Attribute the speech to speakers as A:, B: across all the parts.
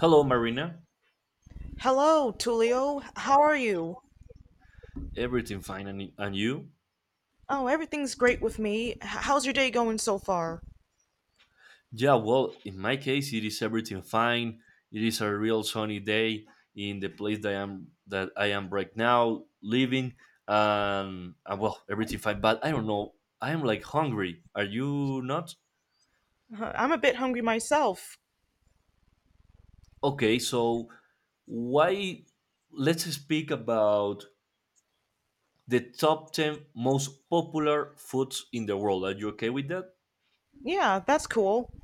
A: Hello, Marina.
B: Hello, Tulio. How are you?
A: Everything fine, and you?
B: Oh, everything's great with me. How's your day going so far?
A: Yeah, well, in my case, it is everything fine. It is a real sunny day in the place that I am right now living, and well, everything fine. But I don't know. I am like hungry. Are you not?
B: I'm a bit hungry myself.
A: Okay, so why? Let's speak about the top ten most popular foods in the world. Are you okay with that?
B: Yeah, that's cool.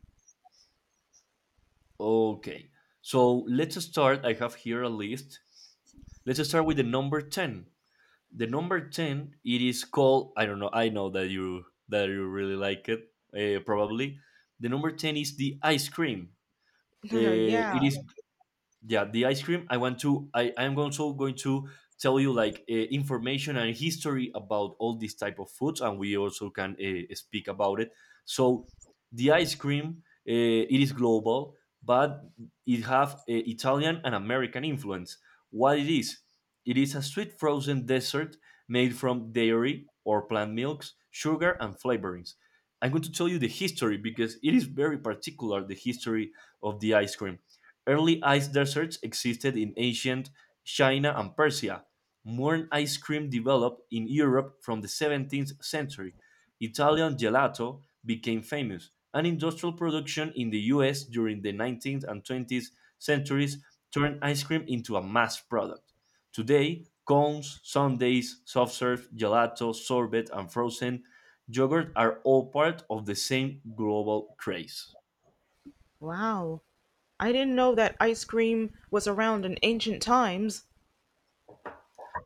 A: Okay. So let's start. I have here a list. Let's start with the number ten. The number ten, it is called. I don't know. I know that you really like it. Probably, the number ten is the ice cream.
B: yeah.
A: It is, yeah, the ice cream. I want to I'm also going to tell you like information and history about all these type of foods, and we also can speak about it. So the ice cream, it is global, but it have italian and american influence. What it is, it is a sweet frozen dessert made from dairy or plant milks, sugar and flavorings. I'm going to tell you the history, because it is very particular, the history of the ice cream. Early ice deserts existed in ancient China and Persia. Modern ice cream developed in Europe from the 17th century. Italian gelato became famous, and industrial production in the US during the 19th and 20th centuries turned ice cream into a mass product. Today, cones, sundaes, soft serve, gelato, sorbet, and frozen yogurt are all part of the same global craze.
B: Wow. I didn't know that ice cream was around in ancient times.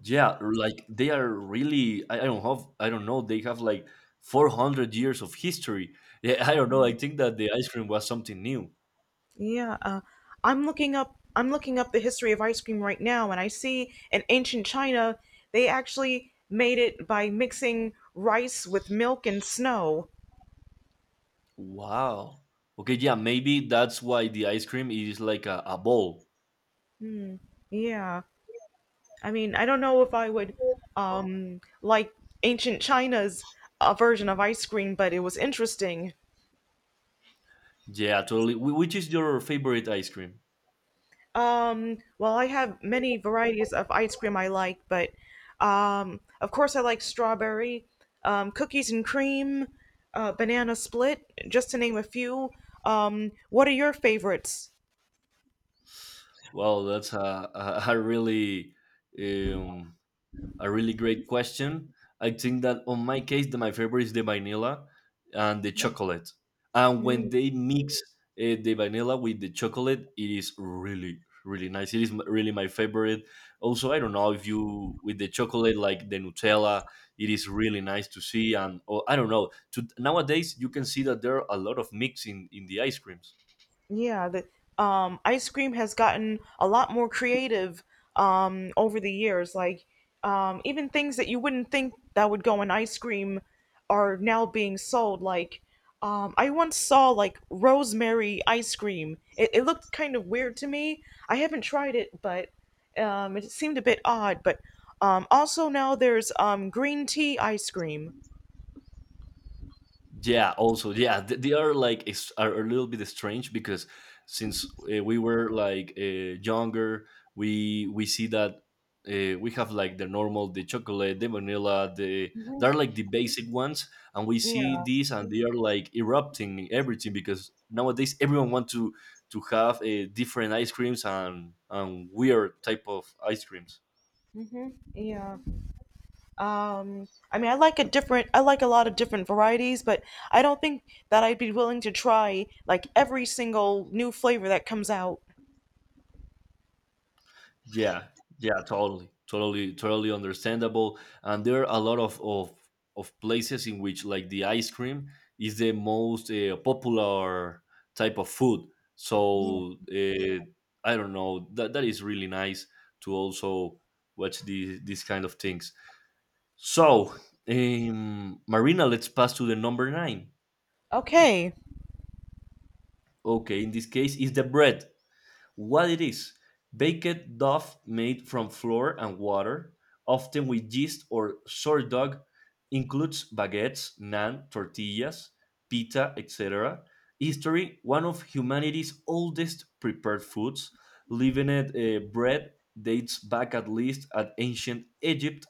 A: Yeah, like they are really I don't have, I don't know, they have like 400 years of history. Yeah, I don't know. I think that the ice cream was something new.
B: Yeah, I'm looking up the history of ice cream right now, and I see in ancient China they actually made it by mixing rice with milk and snow.
A: Wow. Okay, yeah, maybe that's why the ice cream is like a ball.
B: Yeah. I mean, I don't know if I would like ancient China's version of ice cream, but it was interesting.
A: Yeah, totally. Which is your favorite ice cream?
B: Well, I have many varieties of ice cream I like, but of course I like strawberry, cookies and cream, banana split, just to name a few. What are your favorites?
A: Wow, that's a really um, a really great question. I think that on my case, my favorite is the vanilla and the chocolate. And when they mix the vanilla with the chocolate, it is really, really nice. It is really my favorite. Also, I don't know if you with the chocolate like the Nutella, it is really nice to see. And or I don't know. To, nowadays, you can see that there are a lot of mix in the ice creams.
B: Yeah, the ice cream has gotten a lot more creative over the years. Like even things that you wouldn't think that would go in ice cream are now being sold. Like I once saw like rosemary ice cream. It looked kind of weird to me. I haven't tried it, but it seemed a bit odd, but also now there's green tea ice cream.
A: Yeah, also, yeah, they are like are a little bit strange because since we were like younger, we see that we have like the normal, the chocolate, the vanilla, the,
B: Mhm.
A: they're like the basic ones, and we
B: Yeah.
A: see these and they are like erupting in everything because nowadays everyone wants to have different ice creams and weird type of ice creams.
B: hmm Yeah. I mean, I like a lot of different varieties, but I don't think that I'd be willing to try like every single new flavor that comes out.
A: Yeah, yeah, totally understandable. And there are a lot of places in which like the ice cream is the most popular type of food. So I don't know, that that is really nice to also watch these kind of things. So Marina, let's pass to the number nine.
B: Okay.
A: Okay, in this case is the bread. What it is, baked dough made from flour and water, often with yeast or sourdough, includes baguettes, naan, tortillas, pita, etc. History, one of humanity's oldest prepared foods, leavened bread dates back at least at ancient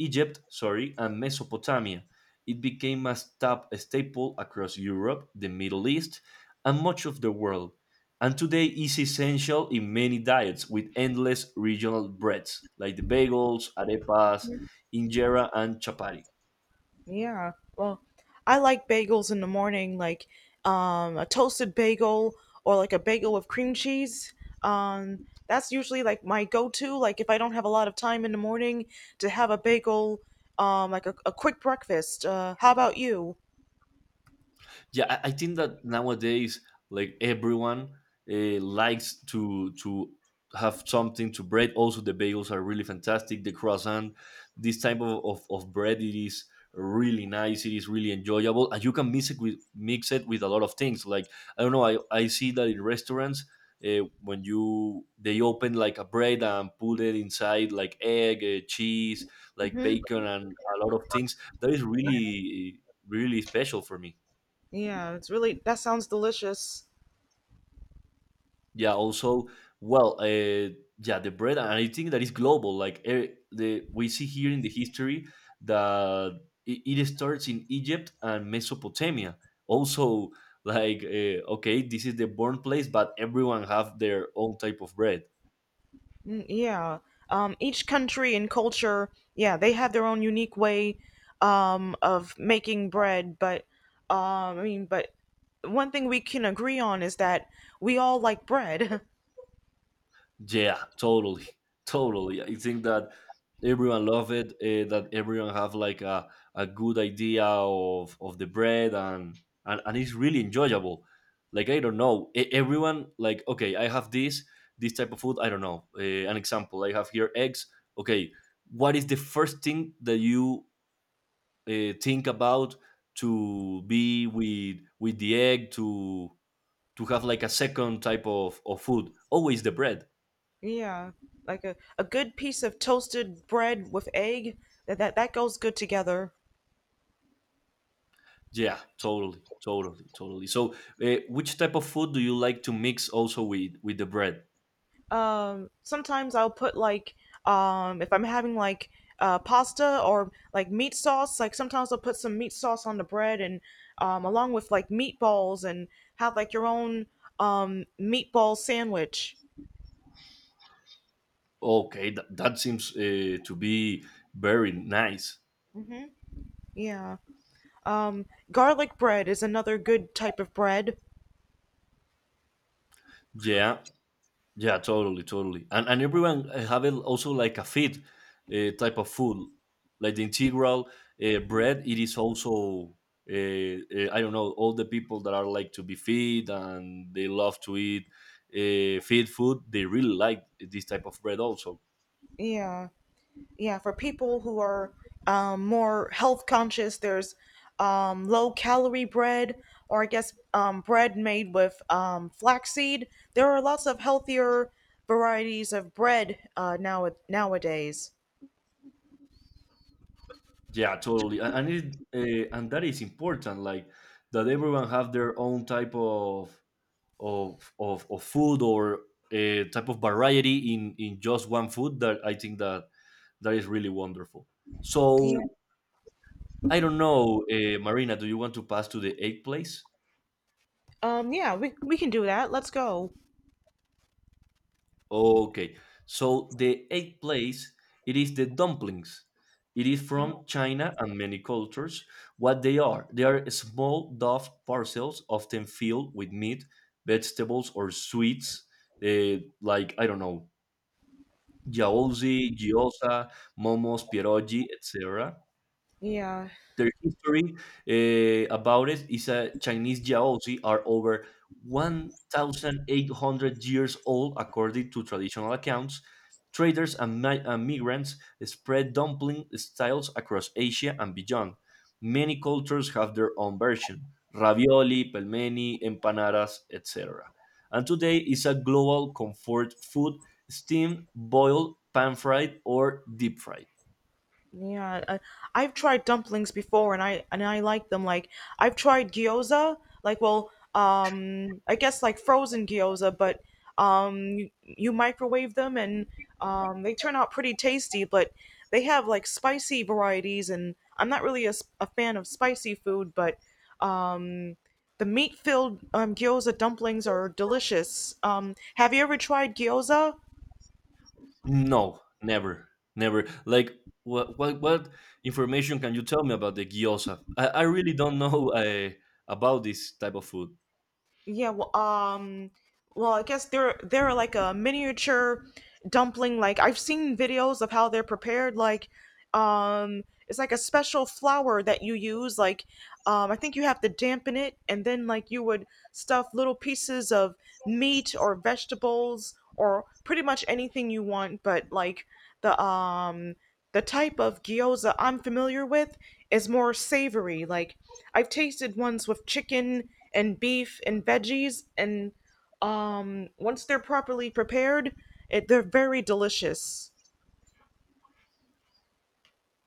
A: Egypt, sorry, and Mesopotamia. It became a staple across Europe, the Middle East, and much of the world, and today is essential in many diets with endless regional breads like the bagels, arepas, injera, and chapati.
B: Yeah. Well, I like bagels in the morning, like a toasted bagel or like a bagel with cream cheese. That's usually like my go-to. Like if I don't have a lot of time in the morning to have a bagel, like a quick breakfast. How about you?
A: Yeah, I think that nowadays like everyone likes to have something to bread. Also the bagels are really fantastic, the croissant, this type of bread, it is really nice, it is really enjoyable, and you can mix it with a lot of things. Like I don't know, I see that in restaurants, when you they open like a bread and put it inside like egg, cheese, like
B: Mm-hmm.
A: bacon, and a lot of things that is
B: Yeah.
A: really really special for me.
B: Yeah. It's really that sounds delicious.
A: Yeah, also, well, yeah, the bread, and I think that is global. Like eh, the, we see here in the history that it starts in Egypt and Mesopotamia. Also, like okay, this is the born place, but everyone have their own type of bread.
B: Mm, yeah. Each country and culture, yeah, they have their own unique way of making bread. But I mean, but one thing we can agree on is that we all like bread.
A: Yeah, totally, totally. I think that everyone love it. That everyone have like a good idea of the bread, and it's really enjoyable. Like I don't know, everyone like, okay, I have this type of food. I don't know. An example, I have here eggs. Okay, what is the first thing that you think about to be with the egg to have like a second type of food? Always the bread.
B: yeah, like a good piece of toasted bread with egg that goes good together.
A: Yeah, totally. So, which type of food do you like to mix also with the bread?
B: Sometimes I'll put like if I'm having like pasta or like meat sauce, like sometimes I'll put some meat sauce on the bread and along with like meatballs and have like your own meatball sandwich.
A: Okay, that seems to be very nice.
B: hmm Yeah. Um Garlic bread is another good type of bread.
A: Yeah, yeah, totally. And everyone have it also like a fit type of food, like the integral bread. It is also I don't know, all the people that are like to be fit and they love to eat fit food. They really like this type of bread also.
B: Yeah. Yeah, for people who are more health conscious, there's low calorie bread, or I guess bread made with flaxseed. There are lots of healthier varieties of bread nowadays.
A: Yeah, totally. And it and that is important, like that everyone have their own type of food or a type of variety in just one food. That I think that is really wonderful.
B: Yeah.
A: So I don't know, Marina, do you want to pass to the egg place?
B: Yeah, we can do that. Let's go.
A: Okay. So the eighth place, it is the dumplings. It is from China and many cultures. What they are? They are small dough parcels, often filled with meat, vegetables, or sweets, eh, like I don't know, yaozi, gyoza, momos, pierogi, etc.
B: Yeah
A: Their history about it is, a Chinese jiaozi are over 1,800 years old, according to traditional accounts. Traders and migrants spread dumpling styles across Asia and beyond. Many cultures have their own version, ravioli, pelmeni, empanadas, etc. And today is a global comfort food, steamed, boiled, pan fried, or deep fried.
B: Yeah, I've tried dumplings before, and I like them. Like I've tried gyoza, like well, I guess like frozen gyoza, but you microwave them, and they turn out pretty tasty. But they have like spicy varieties, and I'm not really a fan of spicy food, but um, the meat-filled gyoza dumplings are delicious. Have you ever tried gyoza?
A: No, never, never. Like, what information can you tell me about the gyoza? I really don't know about this type of food.
B: Yeah, well, well, I guess they're like a miniature dumpling. Like I've seen videos of how they're prepared. Like, um, it's like a special flour that you use. Like, I think you have to dampen it, and then like you would stuff little pieces of meat or vegetables or pretty much anything you want. But like the um the type of gyoza I'm familiar with is more savory. Like, I've tasted ones with chicken and beef and veggies, and once they're properly prepared, they're very delicious.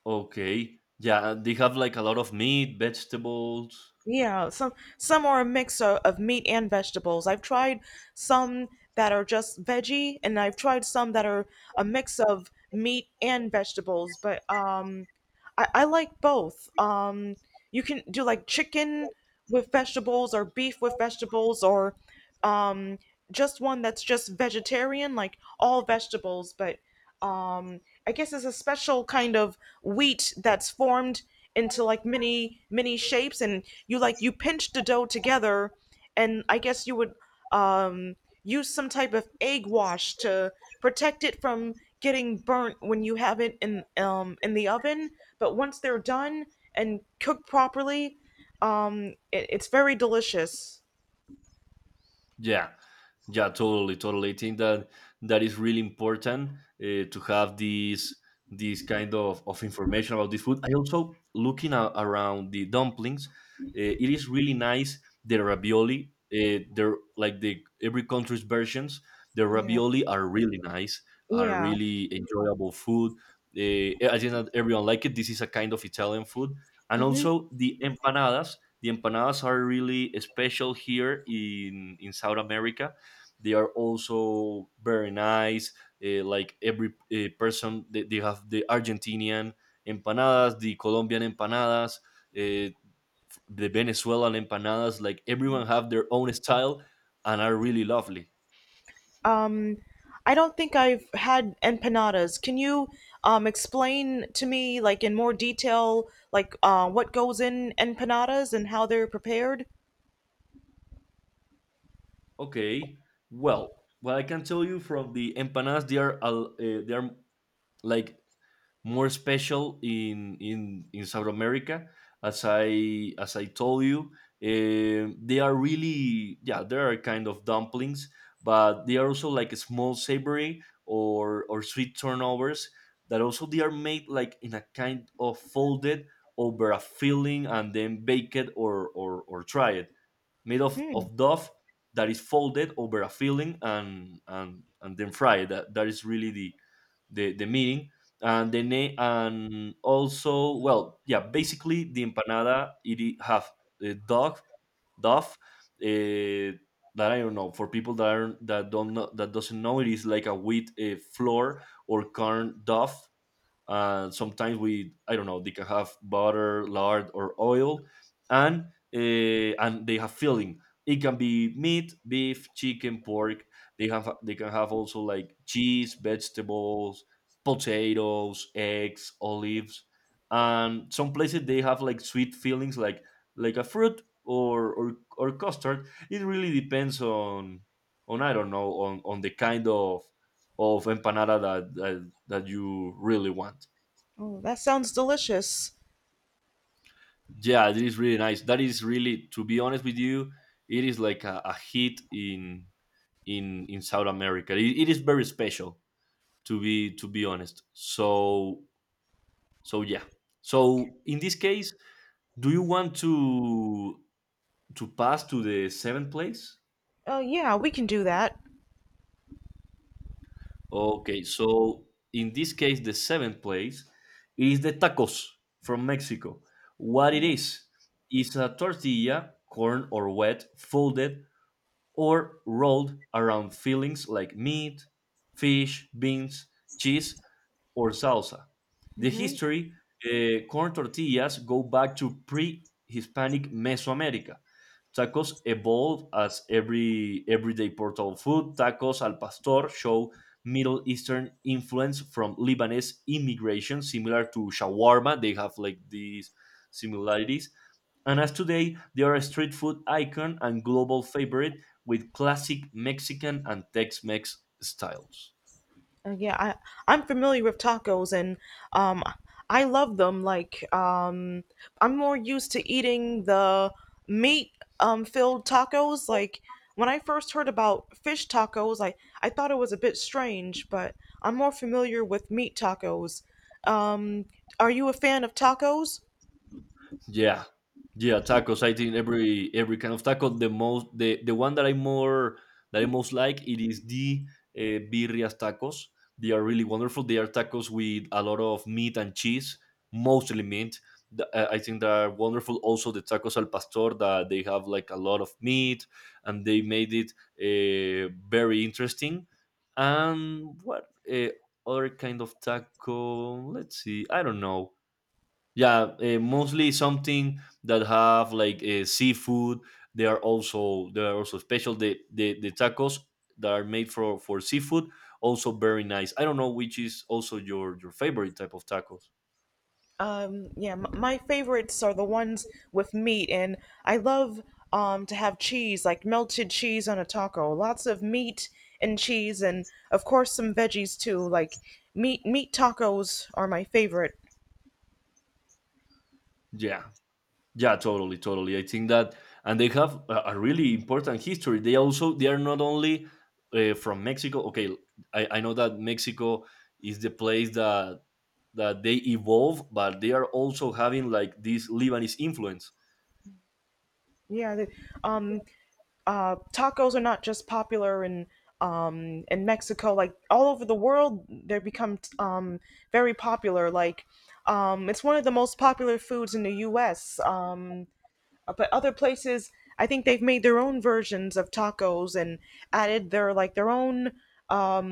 A: Okay, yeah, they have like a lot of meat, vegetables.
B: Yeah, some are a mix of meat and vegetables. I've tried some that are just veggie, and I've tried some that are a mix of meat and vegetables. But I like both. You can do like chicken with vegetables, or beef with vegetables, or um, just one that's just vegetarian, like all vegetables. But um I guess it's a special kind of wheat that's formed into like many shapes, and you like you pinch the dough together, and I guess you would um use some type of egg wash to protect it from getting burnt when you have it in the oven. But once they're done and cooked properly, it's very delicious.
A: Yeah, yeah, totally, totally. I think that is really important to have these kind of information about this food. I also looking around the dumplings. It is really nice the ravioli. They're like the every country's versions. The
B: yeah
A: ravioli are really nice, are
B: yeah.
A: really enjoyable food. I think that everyone like it. This is a kind of Italian food, and also the empanadas. The empanadas are really special here in South America. They are also very nice, like every person, they have the argentinian empanadas, the colombian empanadas, uh, the venezuelan empanadas. Like everyone have their own style and are really lovely.
B: Um, I don't think I've had empanadas. Can you explain to me, like in more detail, like what goes in empanadas and how they're prepared?
A: Okay. Well, what I can tell you from the empanadas, they are they are like more special in South America, as I told you. Um, they are really, yeah, they are kind of dumplings, but they are also like a small savory or sweet turnovers that also they are made like in a kind of folded over a filling and then bake it or try it, made
B: Hmm.
A: of dough that is folded over a filling and then fried. That is really the the meaning. And the name, and also, well, yeah, basically the empanada have a dog dough, that I don't know, for people that are not that don't know, that doesn't know, it is like a wheat flour or corn dough, sometimes I don't know, they can have butter, lard, or oil, and and they have filling. It can be meat, beef, chicken, pork. They can have also like cheese, vegetables, potatoes, eggs, olives, and some places they have like sweet fillings like a fruit or custard. It really depends on I don't know, on the kind of empanada that you really want.
B: Oh, that sounds delicious.
A: Yeah, it is really nice. That is really, to be honest with you, it is like a hit in South America. It is very special, to be honest. So so yeah. So in this case, do you want to pass to the seventh place?
B: Oh, yeah, we can do that.
A: Okay, so in this case, the seventh place is the tacos from Mexico. What it is? It's a tortilla, corn or wet, folded or rolled around fillings like meat, fish, beans, cheese, or salsa. The history. Corn tortillas go back to pre-Hispanic Mesoamerica. Tacos evolved as everyday portable food. Tacos al pastor show Middle Eastern influence from Lebanese immigration, similar to shawarma. They have like these similarities. And as today, they are a street food icon and global favorite with classic Mexican and Tex Mex styles.
B: Yeah, I'm familiar with tacos, and um I love them. Like I'm more used to eating the meat filled tacos. Like when I first heard about fish tacos, I thought it was a bit strange, but I'm more familiar with meat tacos. Um, are you a fan of tacos?
A: Yeah, yeah, tacos. I think every kind of taco. The most the one that I more that I most like it is the birrias tacos. They are really wonderful. They are tacos with a lot of meat and cheese, mostly meat. I think they are wonderful. Also, the tacos al pastor that they have like a lot of meat, and they made it very interesting. And what other kind of taco? Let's see. I don't know, yeah, mostly something that have like seafood. They are also special. The tacos that are made for seafood, also very nice. I don't know which is also your favorite type of tacos.
B: Yeah, my favorites are the ones with meat, and I love to have cheese, like melted cheese on a taco. Lots of meat and cheese, and of course some veggies too. Like meat tacos are my favorite.
A: Yeah, yeah, totally, totally. I think that, and they have a really important history. They are not only from Mexico. Okay, I know that Mexico is the place that they evolve, but they are also having like this Lebanese influence.
B: Yeah, um, tacos are not just popular in Mexico. Like all over the world, they become very popular. Like it's one of the most popular foods in the U.S. But other places, I think they've made their own versions of tacos and added their like their own um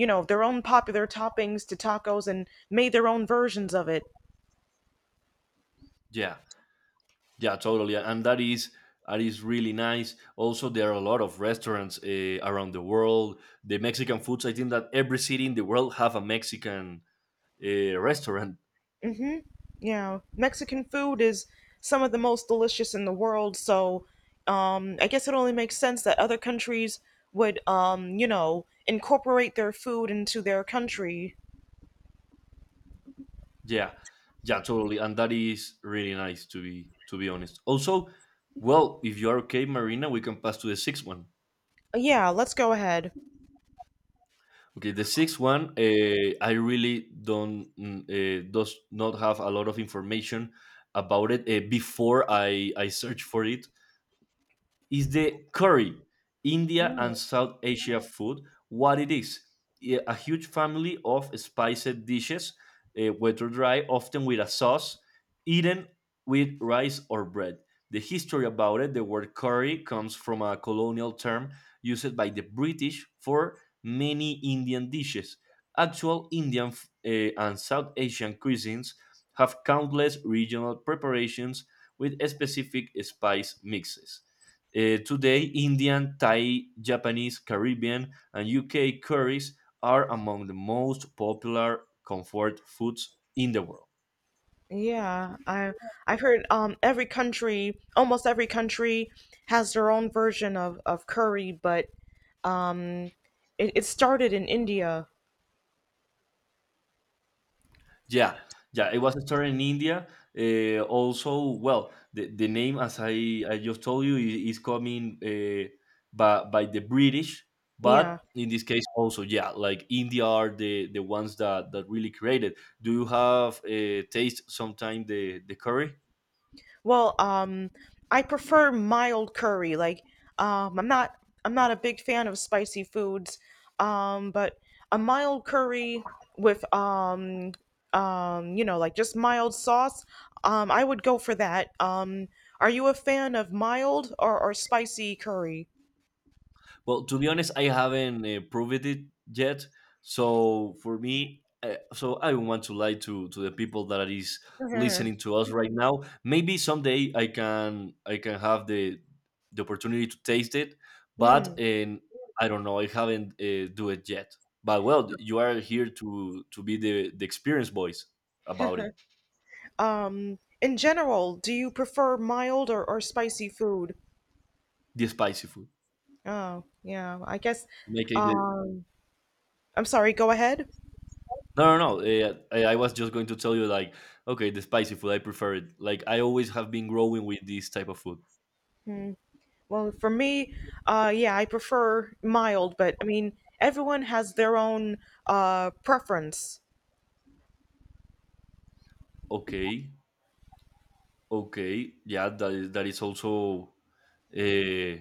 B: you know, their own popular toppings to tacos and made their own versions of it.
A: Yeah. Yeah, totally, yeah, and that is really nice. Also, there are a lot of restaurants around the world. The Mexican foods. I think that every city in the world have a Mexican restaurant.
B: Mhm. Yeah, Mexican food is some of the most delicious in the world, so I guess it only makes sense that other countries would, you know, incorporate their food into their country.
A: Yeah, yeah, totally, and that is really nice to be honest. Also, well, if you are okay, Marina, we can pass to the sixth one.
B: Yeah, let's go ahead.
A: Okay, the sixth one. I really don't mm, does not have a lot of information about it before I search for it is the curry, India and South Asia food, what it is. Yeah, a huge family of spiced dishes, wet or dry, often with a sauce, eaten with rice or bread. The history about it, the word curry comes from a colonial term used by the British for many Indian dishes. Actual Indian and South Asian cuisines have countless regional preparations with specific spice mixes. Today, Indian, Thai, Japanese, Caribbean, and UK curries are among the most popular comfort foods in the world.
B: Yeah, I've heard every country, almost every country has their own version of curry, but it started in India.
A: Yeah, yeah, it was started in India. Also, well, the name, as I just told you, is coming by the British,
B: Yeah.
A: but in this case, also, yeah, like India are the ones that really created. Do you have taste sometime the curry?
B: Well, I prefer mild curry. Like um I'm not I'm not a big fan of spicy foods. But a mild curry with you know, like just mild sauce, I would go for that. Are you a fan of mild or spicy curry?
A: Well, to be honest, I haven't proved it yet. So for me, so I don't want to lie to the people that is listening to us right now. Maybe someday I can have the opportunity to taste it,
B: Hmm.
A: but and I don't know. I haven't do it yet. But well, you are here to be the experience voice about it,
B: In general, do you prefer mild or spicy food?
A: the spicy food.
B: Oh, yeah, I guess.
A: In my case, the
B: Um, I'm sorry, go ahead.
A: no, no, no. I was just going to tell you, like, okay, the spicy food, I prefer it. Like, I always have been growing with this type of food.
B: Well, for me, yeah, I prefer mild, but I mean, everyone has their own preference.
A: Okay, okay, yeah, that is also uh,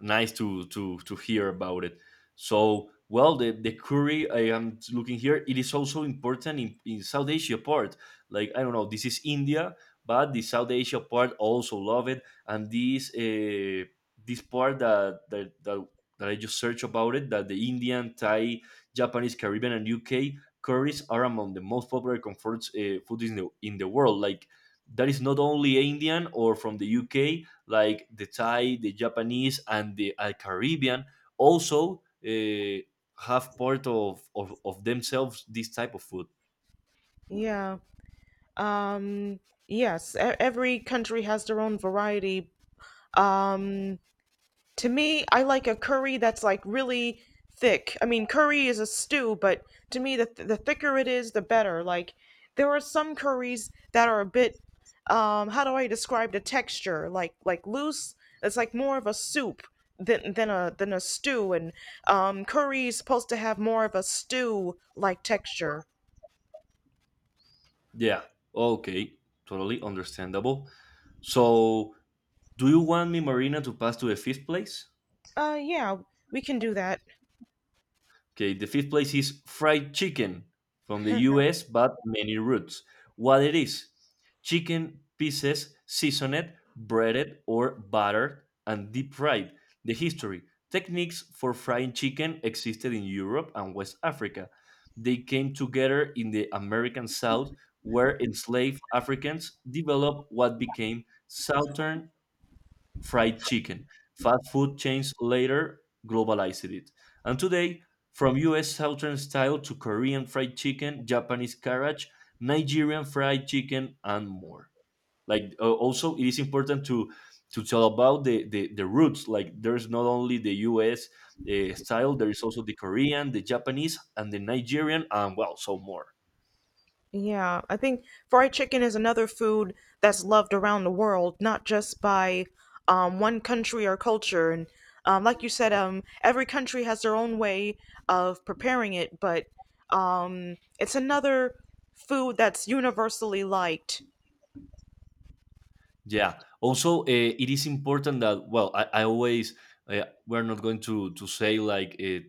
A: nice to to hear about it. So, well, the curry I am looking here, it is also important in South Asia part. Like I don't know, this is India, but the South Asia part also love it, and this part that. That I just searched about it, that the Indian, Thai, Japanese, Caribbean, and UK curries are among the most popular comfort foods in the world. Like that is not only Indian or from the UK, like the Thai, the Japanese, and the Caribbean also uh, have part of themselves this type of food.
B: Yeah. Um, yes, every country has their own variety. Um, To me, I like a curry that's like really thick. I mean, curry is a stew, but to me, the thicker it is, the better. Like there are some curries that are a bit, how do I describe the texture? Like loose. It's like more of a soup than a stew, and curry is supposed to have more of a stew like texture.
A: Yeah. Okay. Totally understandable. So, do you want me, Marina, to pass to the fifth place?
B: Yeah, we can do that.
A: Okay, the fifth place is fried chicken from the US, but many roots. What it is? Chicken pieces seasoned, breaded, or buttered and deep fried. The history. Techniques for frying chicken existed in Europe and West Africa. They came together in the American South, where enslaved Africans developed what became Southern fried chicken. Fast food chains later globalized it. And today, from US Southern style to Korean fried chicken, Japanese carriage, Nigerian fried chicken, and more. Like, also, it is important to tell about the roots. Like, there's not only the US style, there is also the Korean, the Japanese, and the Nigerian, and well, so more.
B: Yeah, I think fried chicken is another food that's loved around the world, not just by one country or culture. And like you said, every country has their own way of preparing it, but it's another food that's universally liked.
A: Yeah. Also, it is important that, well, I always we're not going to say like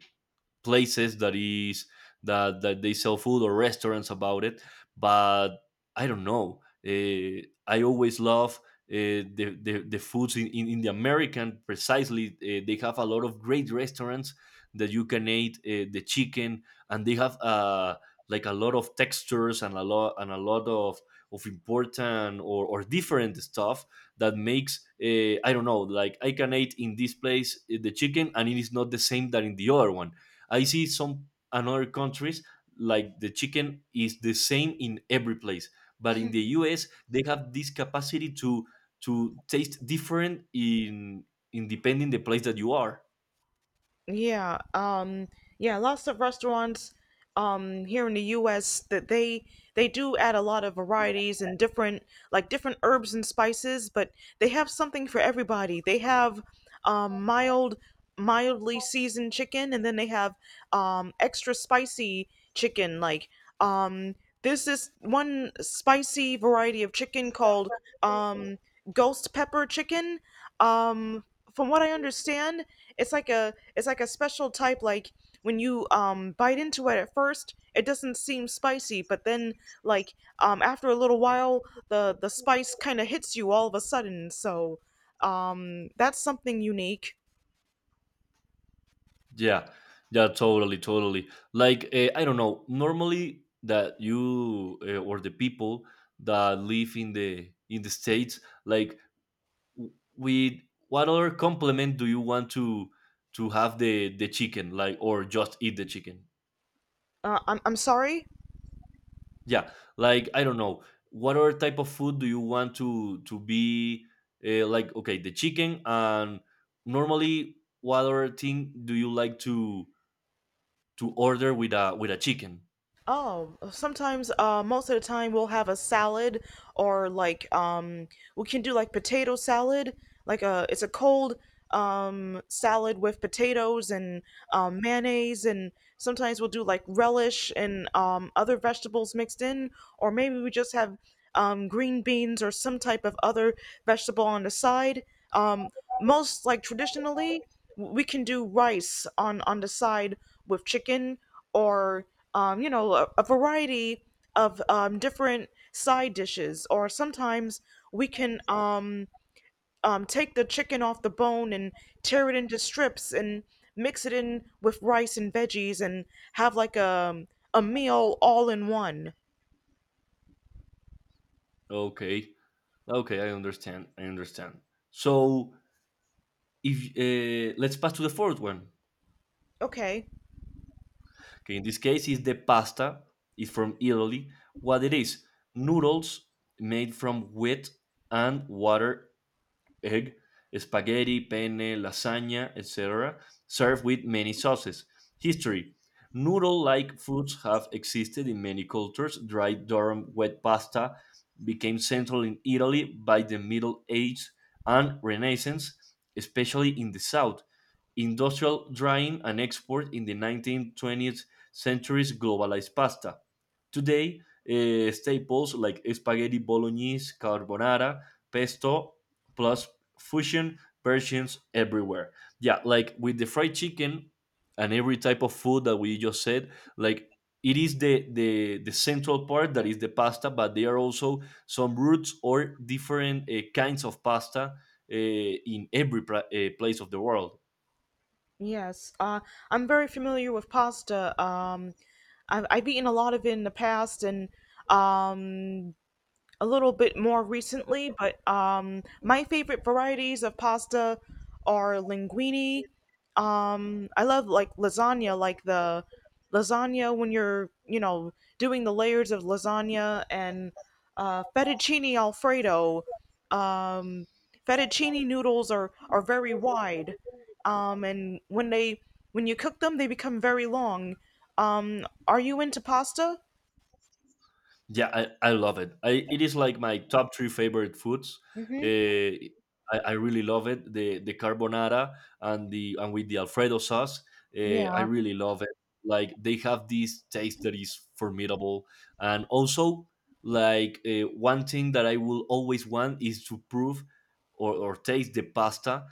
A: places that is that they sell food or restaurants about it. But I don't know. I always love the foods in the American. Precisely, they have a lot of great restaurants that you can eat the chicken, and they have like a lot of textures and a lot of important or different stuff that makes I don't know, like I can eat in this place the chicken, and it is not the same that in the other one. I see some another countries like the chicken is the same in every place, but in the US they have this capacity to taste different in depending the place that you are.
B: Yeah, yeah, lots of restaurants here in the US that they do add a lot of varieties and different like different herbs and spices, but they have something for everybody. They have um mild mildly seasoned chicken, and then they have extra spicy chicken. Like um there's this one spicy variety of chicken called um ghost pepper chicken. Um from what I understand, it's like a special type. Like when you bite into it at first, it doesn't seem spicy, but then like after a little while, the spice kind of hits you all of a sudden. So that's something unique.
A: Yeah, yeah, totally, totally. Like I don't know, normally that you or the people that live in the states, like with what other complement do you want to have the chicken, like, or just eat the chicken?
B: I'm sorry.
A: Yeah, like I don't know, what other type of food do you want to be like? Okay, the chicken, and normally, what other thing do you like to order with a chicken?
B: Oh, sometimes, most of the time we'll have a salad or like, we can do like potato salad, like it's a cold, salad with potatoes and, mayonnaise. And sometimes we'll do like relish and, other vegetables mixed in, or maybe we just have, green beans or some type of other vegetable on the side. Um, Most like traditionally, we can do rice on the side with chicken or you know a variety of different side dishes. Or sometimes we can take the chicken off the bone and tear it into strips and mix it in with rice and veggies and have like a meal all in one.
A: Okay, okay, I understand, I understand. So if let's pass to the fourth one.
B: Okay.
A: Okay, in this case, is the pasta. It's from Italy. What it is? Noodles made from wheat and water egg, spaghetti, penne, lasagna, etc., served with many sauces. History. Noodle like foods have existed in many cultures. Dried durum wet pasta became central in Italy by the Middle Ages and Renaissance, especially in the south. Industrial drying and export in the 1920th centuries globalized pasta. Today, eh, staples like spaghetti bolognese, carbonara, pesto, plus fusion versions everywhere. Yeah, like with the fried chicken and every type of food that we just said, like it is the central part that is the pasta, but there are also some roots or different kinds of pasta in every place of the world.
B: Yes, I'm very familiar with pasta. I've eaten a lot of it in the past, and um, a little bit more recently, but my favorite varieties of pasta are linguine. I love lasagna, like the lasagna when you're doing the layers of lasagna and fettuccine alfredo. Um, Fettuccine noodles are very wide, and when you cook them, they become very long. Are you into pasta?
A: Yeah, I love it. I it is like my top three favorite foods.
B: Hmm.
A: Uh, I really love it. The carbonara and the and with the Alfredo sauce. I
B: Yeah,
A: really love it. Like they have this taste that is formidable, and also like one thing that I will always want is to prove or taste the pasta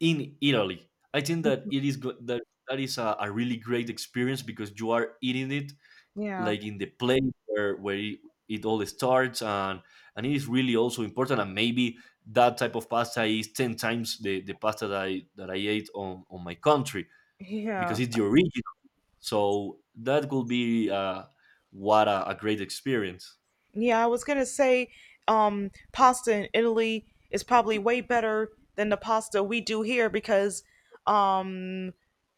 A: in Italy. I think that that that is a really great experience, because you are eating it
B: yeah,
A: like in the place where it all starts, and it is really also important, and maybe that type of pasta is 10 times the pasta that I ate on my country, because
B: yeah.
A: it's the original, so that could be what a great experience.
B: Yeah, I was gonna say, pasta in Italy is probably way better than the pasta we do here because um,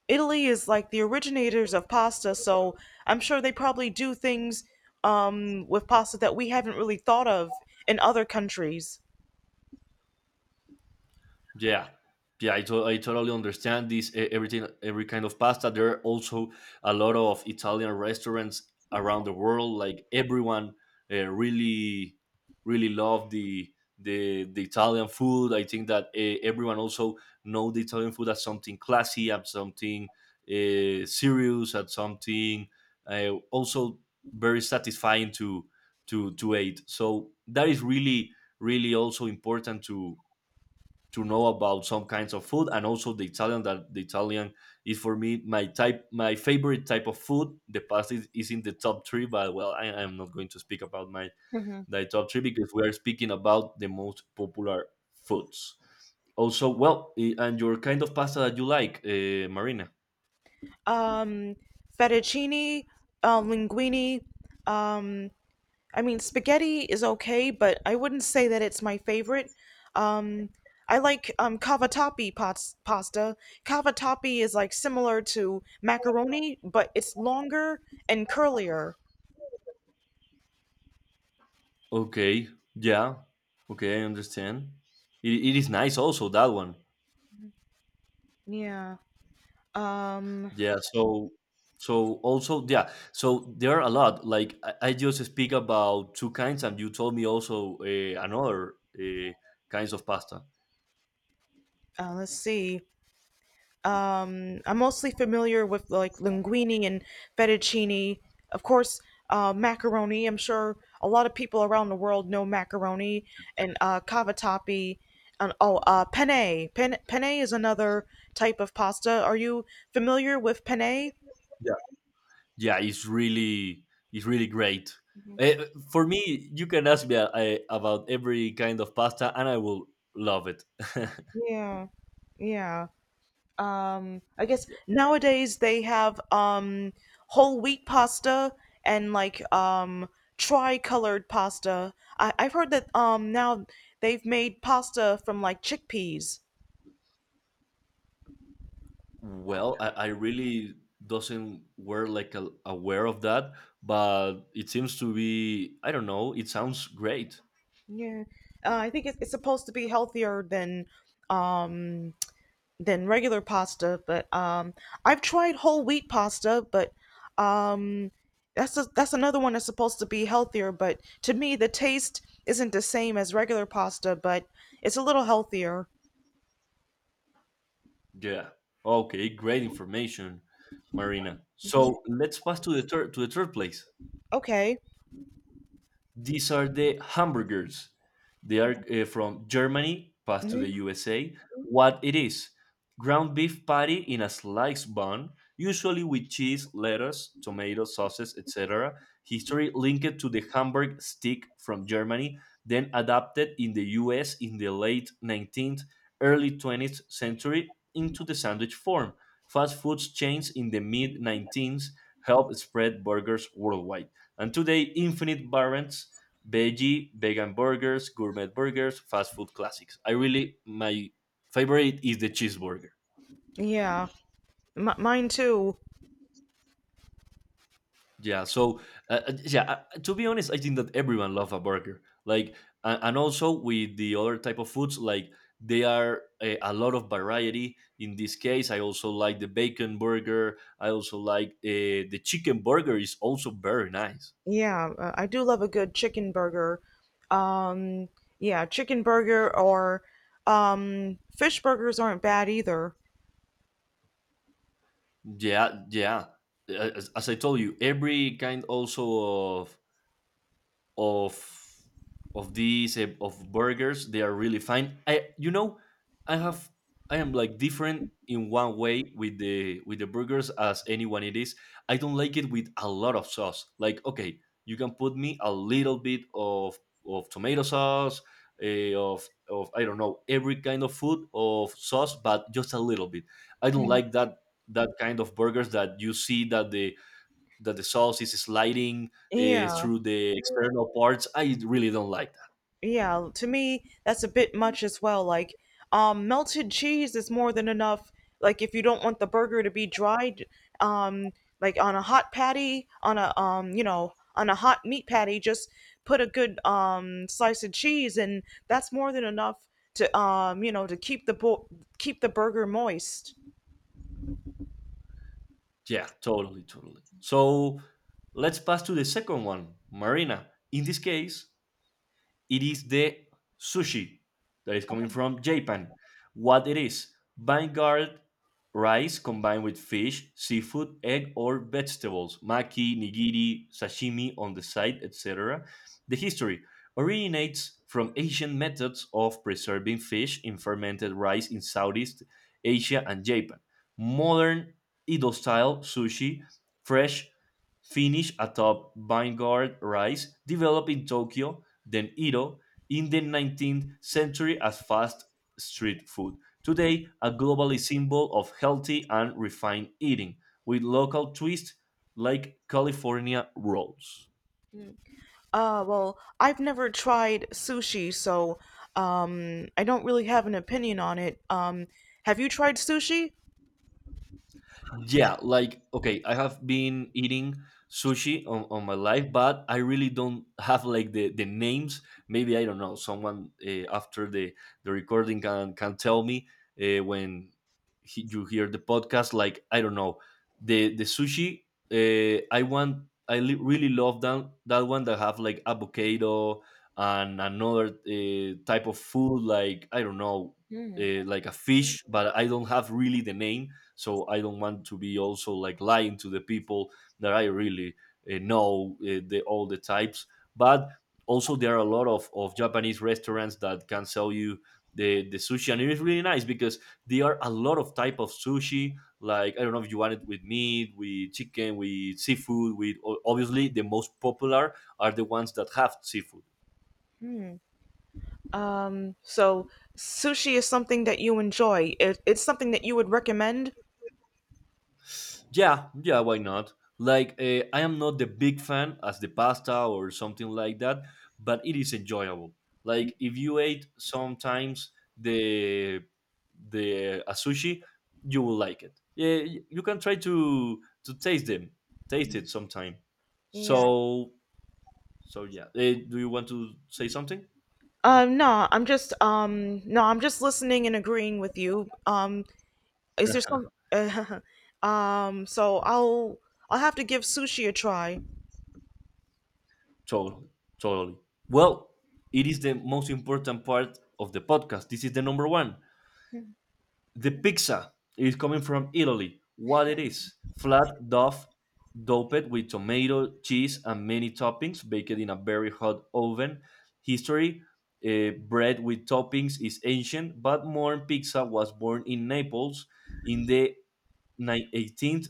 B: Italy is like the originators of pasta, so I'm sure they probably do things with pasta that we haven't really thought of in other countries.
A: Yeah, yeah, I totally understand this. Everything, every kind of pasta. There are also a lot of Italian restaurants around the world. Like everyone really, really love the Italian food. I think that everyone also know the Italian food as something classy, as something serious, as something also very satisfying to to eat. So that is really, really also important to know about some kinds of food, and also the Italian, that the Italian is for me my favorite type of food. The pasta is in the top three, but well, I am not going to speak about my the top three because we are speaking about the most popular foods. Also, well, and your kind of pasta that you like, Marina.
B: Um, Fettuccine, linguine, um, I mean, spaghetti is okay, but I wouldn't say that it's my favorite. Um, I like cavatappi pots, pasta. Cavatappi is like similar to macaroni, but it's longer and curlier.
A: Okay, yeah, okay, I understand. It is nice also that one.
B: Yeah. Um,
A: Yeah, so so also yeah, so there are a lot. Like I just speak about two kinds, and you told me also another kinds of pasta.
B: let's see. I'm mostly familiar with like linguine and fettuccine. Of course, macaroni. I'm sure a lot of people around the world know macaroni and cavatappi. And oh, penne. Penne is another type of pasta. Are you familiar with penne?
A: Yeah, it's really. It's really great uh, for me. You can ask me about every kind of pasta and I will love it
B: Yeah, yeah. I guess nowadays they have whole wheat pasta and like tri-colored pasta. I've heard that now they've made pasta from like chickpeas.
A: Well, I really doesn't were like aware of that, but it seems to be, I don't know, it sounds great.
B: Yeah. I think it's supposed to be healthier um than regular pasta, but I've tried whole wheat pasta, but um that's another one that's supposed to be healthier, but to me the taste isn't the same as regular pasta, but it's a little healthier.
A: Yeah, okay, great information, Marina.
B: Hmm.
A: So let's pass to the third, to the third place.
B: Okay.
A: These are the hamburgers. They are from Germany, passed to the
B: Hmm.
A: USA. What it is? Ground beef patty in a sliced bun, usually with cheese, lettuce, tomato, sauces, etc. History linked to the Hamburg stick from Germany, then adapted in the US in the late 19th, early 20th century into the sandwich form. Fast food chains in the mid 19th helped spread burgers worldwide, and today infinite variants, veggie, vegan burgers, gourmet burgers, fast food classics. I really, my favorite is the cheeseburger.
B: Yeah. M- mine too.
A: Yeah, so yeah, to be honest, I think that everyone loves a burger. Like and also with the other type of foods, like they are a lot of variety. In this case I also like the bacon burger, I also like the chicken burger is also very nice.
B: Yeah, I do love a good chicken burger. Um, yeah, chicken burger or fish burgers aren't bad either.
A: Yeah, yeah. As as I told you, every kind also of of of these of burgers, they are really fine. I, you know, I have, I am like different in one way with the burgers as anyone. It is, I don't like it with a lot of sauce. Like, okay, you can put me a little bit of tomato sauce, of I don't know, every kind of food of sauce, but just a little bit. I don't like that kind of burgers that you see that the sauce is sliding
B: Yeah.
A: through the external parts. I really don't like that.
B: Yeah, to me, that's a bit much as well. Like, melted cheese is more than enough. Like, if you don't want the burger to be dried, um, like on a hot patty, on a on a hot meat patty, just put a good slice of cheese, and that's more than enough to to keep the bo- keep the burger moist.
A: Yeah, totally, totally. So let's pass to the second one, Marina. In this case, it is the sushi that is coming from Japan. What it is? Vanguard rice combined with fish, seafood, egg, or vegetables, maki, nigiri, sashimi on the side, etc. The history originates from ancient methods of preserving fish in fermented rice in Southeast Asia and Japan. Modern Edo style sushi, fresh, finished atop vanguard rice, developed in Tokyo then Ito in the 19th century as fast street food. Today, a globally symbol of healthy and refined eating with local twists like California rolls.
B: Well, I've never tried sushi, so I don't really have an opinion on it. Have you tried sushi?
A: Yeah, like okay, I have been eating sushi on my life, but I really don't have like the names. Maybe I don't know. Someone after the recording can tell me when he, you hear the podcast. Like I don't know the sushi. I want. I really love that one that have like avocado and another type of food, like I don't know, like a fish, but I don't have really the name. So I don't want to be also like lying to the people that I really know the all the types. But also there are a lot of Japanese restaurants that can sell you the sushi, and it is really nice because there are a lot of type of sushi. Like I don't know if you want it with meat, with chicken, with seafood, with obviously the most popular are the ones that have seafood.
B: So sushi is something that you enjoy. It's something that you would recommend.
A: Yeah, yeah, why not? Like, I am not the big fan as the pasta or something like that, but it is enjoyable. Like, if you ate sometimes the a sushi, you will like it. Yeah, you can try to taste them, taste it sometime.
B: Yeah.
A: So, so yeah. Eh, do you want to say something?
B: No, I'm just no, I'm just listening and agreeing with you. Is there
A: Yeah,
B: some? So I'll have to give sushi a try.
A: totally, totally. Well, it is the most important part of the podcast. This is the number one. The pizza is coming from Italy. What it is? Flat dough doped with tomato, cheese, and many toppings, baked in a very hot oven. History, bread with toppings is ancient, but modern pizza was born in Naples in the 18th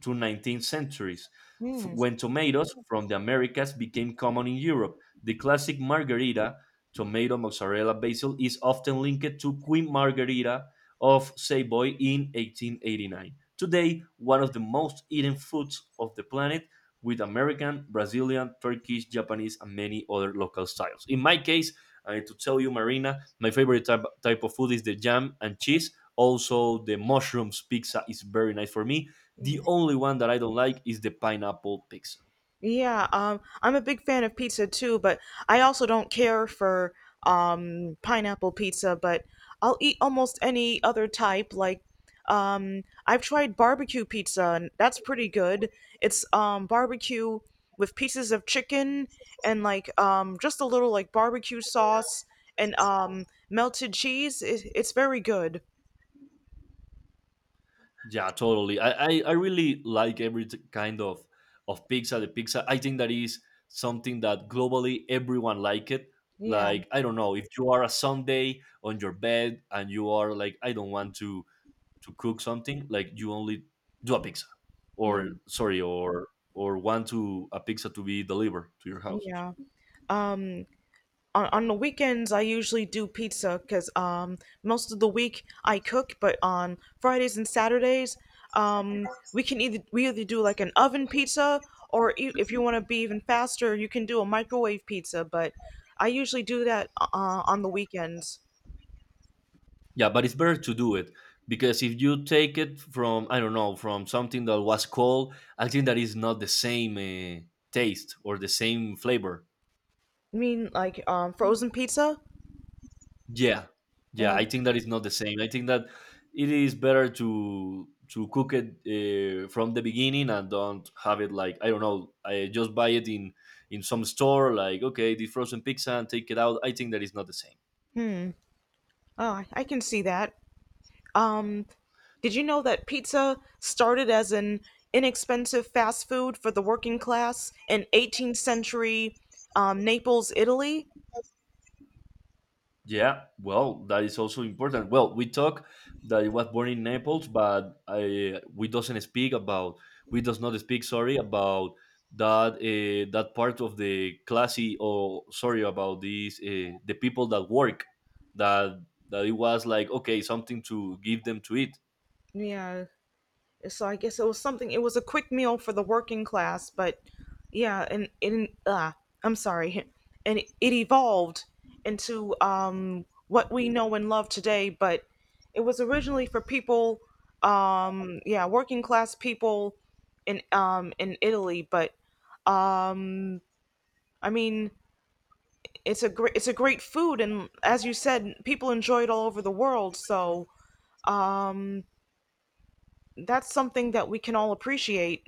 A: to 19th centuries,
B: Hmm.
A: when tomatoes from the Americas became common in Europe. The classic margarita, tomato, mozzarella, basil, is often linked to Queen Margarita of Savoy in 1889. Today, one of the most eaten foods of the planet, with American, Brazilian, Turkish, Japanese, and many other local styles. In my case, I need to tell you, Marina, my favorite type of food is the jam and cheese. Also, the mushrooms pizza is very nice for me. The only one that I don't like is the pineapple pizza.
B: Yeah, I'm a big fan of pizza too, but I also don't care for pineapple pizza, but I'll eat almost any other type. Like, I've tried barbecue pizza, and that's pretty good. It's barbecue with pieces of chicken and like just a little like barbecue sauce and melted cheese. It, it's very good.
A: Yeah, totally. I really like every kind of pizza. The pizza, I think that is something that globally everyone like it.
B: Yeah,
A: Like I don't know if you are a Sunday on your bed and you are like, I don't want to cook something. Like you only do a pizza,
B: yeah,
A: or sorry, or want to a pizza to be delivered to your house.
B: yeah. Um, on the weekends I usually do pizza because most of the week I cook, but on Fridays and Saturdays um, we can either we either do like an oven pizza or e- if you want to be even faster, you can do a microwave pizza. But I usually do that on the weekends.
A: Yeah, but it's better to do it because if you take it from, I don't know, from something that was cold, I think that is not the same taste or the same flavor.
B: I mean, like frozen pizza.
A: Yeah,
B: You
A: yeah,
B: know,
A: I think that is not the same. I think that it is better to cook it from the beginning, and don't have it like I don't know. I just buy it in some store like okay, the frozen pizza, and take it out. I think that is not the same.
B: oh, I can see that. Um, Did you know that pizza started as an inexpensive fast food for the working class in 18th century Naples, Italy?
A: Yeah, well, that is also important. Well, we talk that he was born in Naples, but I, we doesn't speak about, we does not speak sorry about that that part of the classy, or sorry about these the people that work, that that it was like okay, something to give them to eat.
B: Yeah, so I guess it was something, it was a quick meal for the working class, but yeah, and I'm sorry, and it evolved into what we know and love today, but it was originally for people, yeah, working class people in Italy, but um I mean, it's a great food, and as you said, people enjoy it all over the world. So um, that's something that we can all appreciate.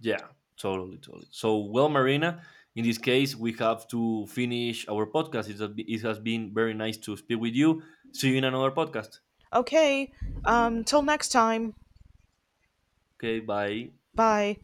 A: Yeah, totally, totally. So, well, Marina, in this case, we have to finish our podcast. It has it has been very nice to speak with you. See you in another podcast.
B: Okay, till next time.
A: Okay, bye.
B: Bye.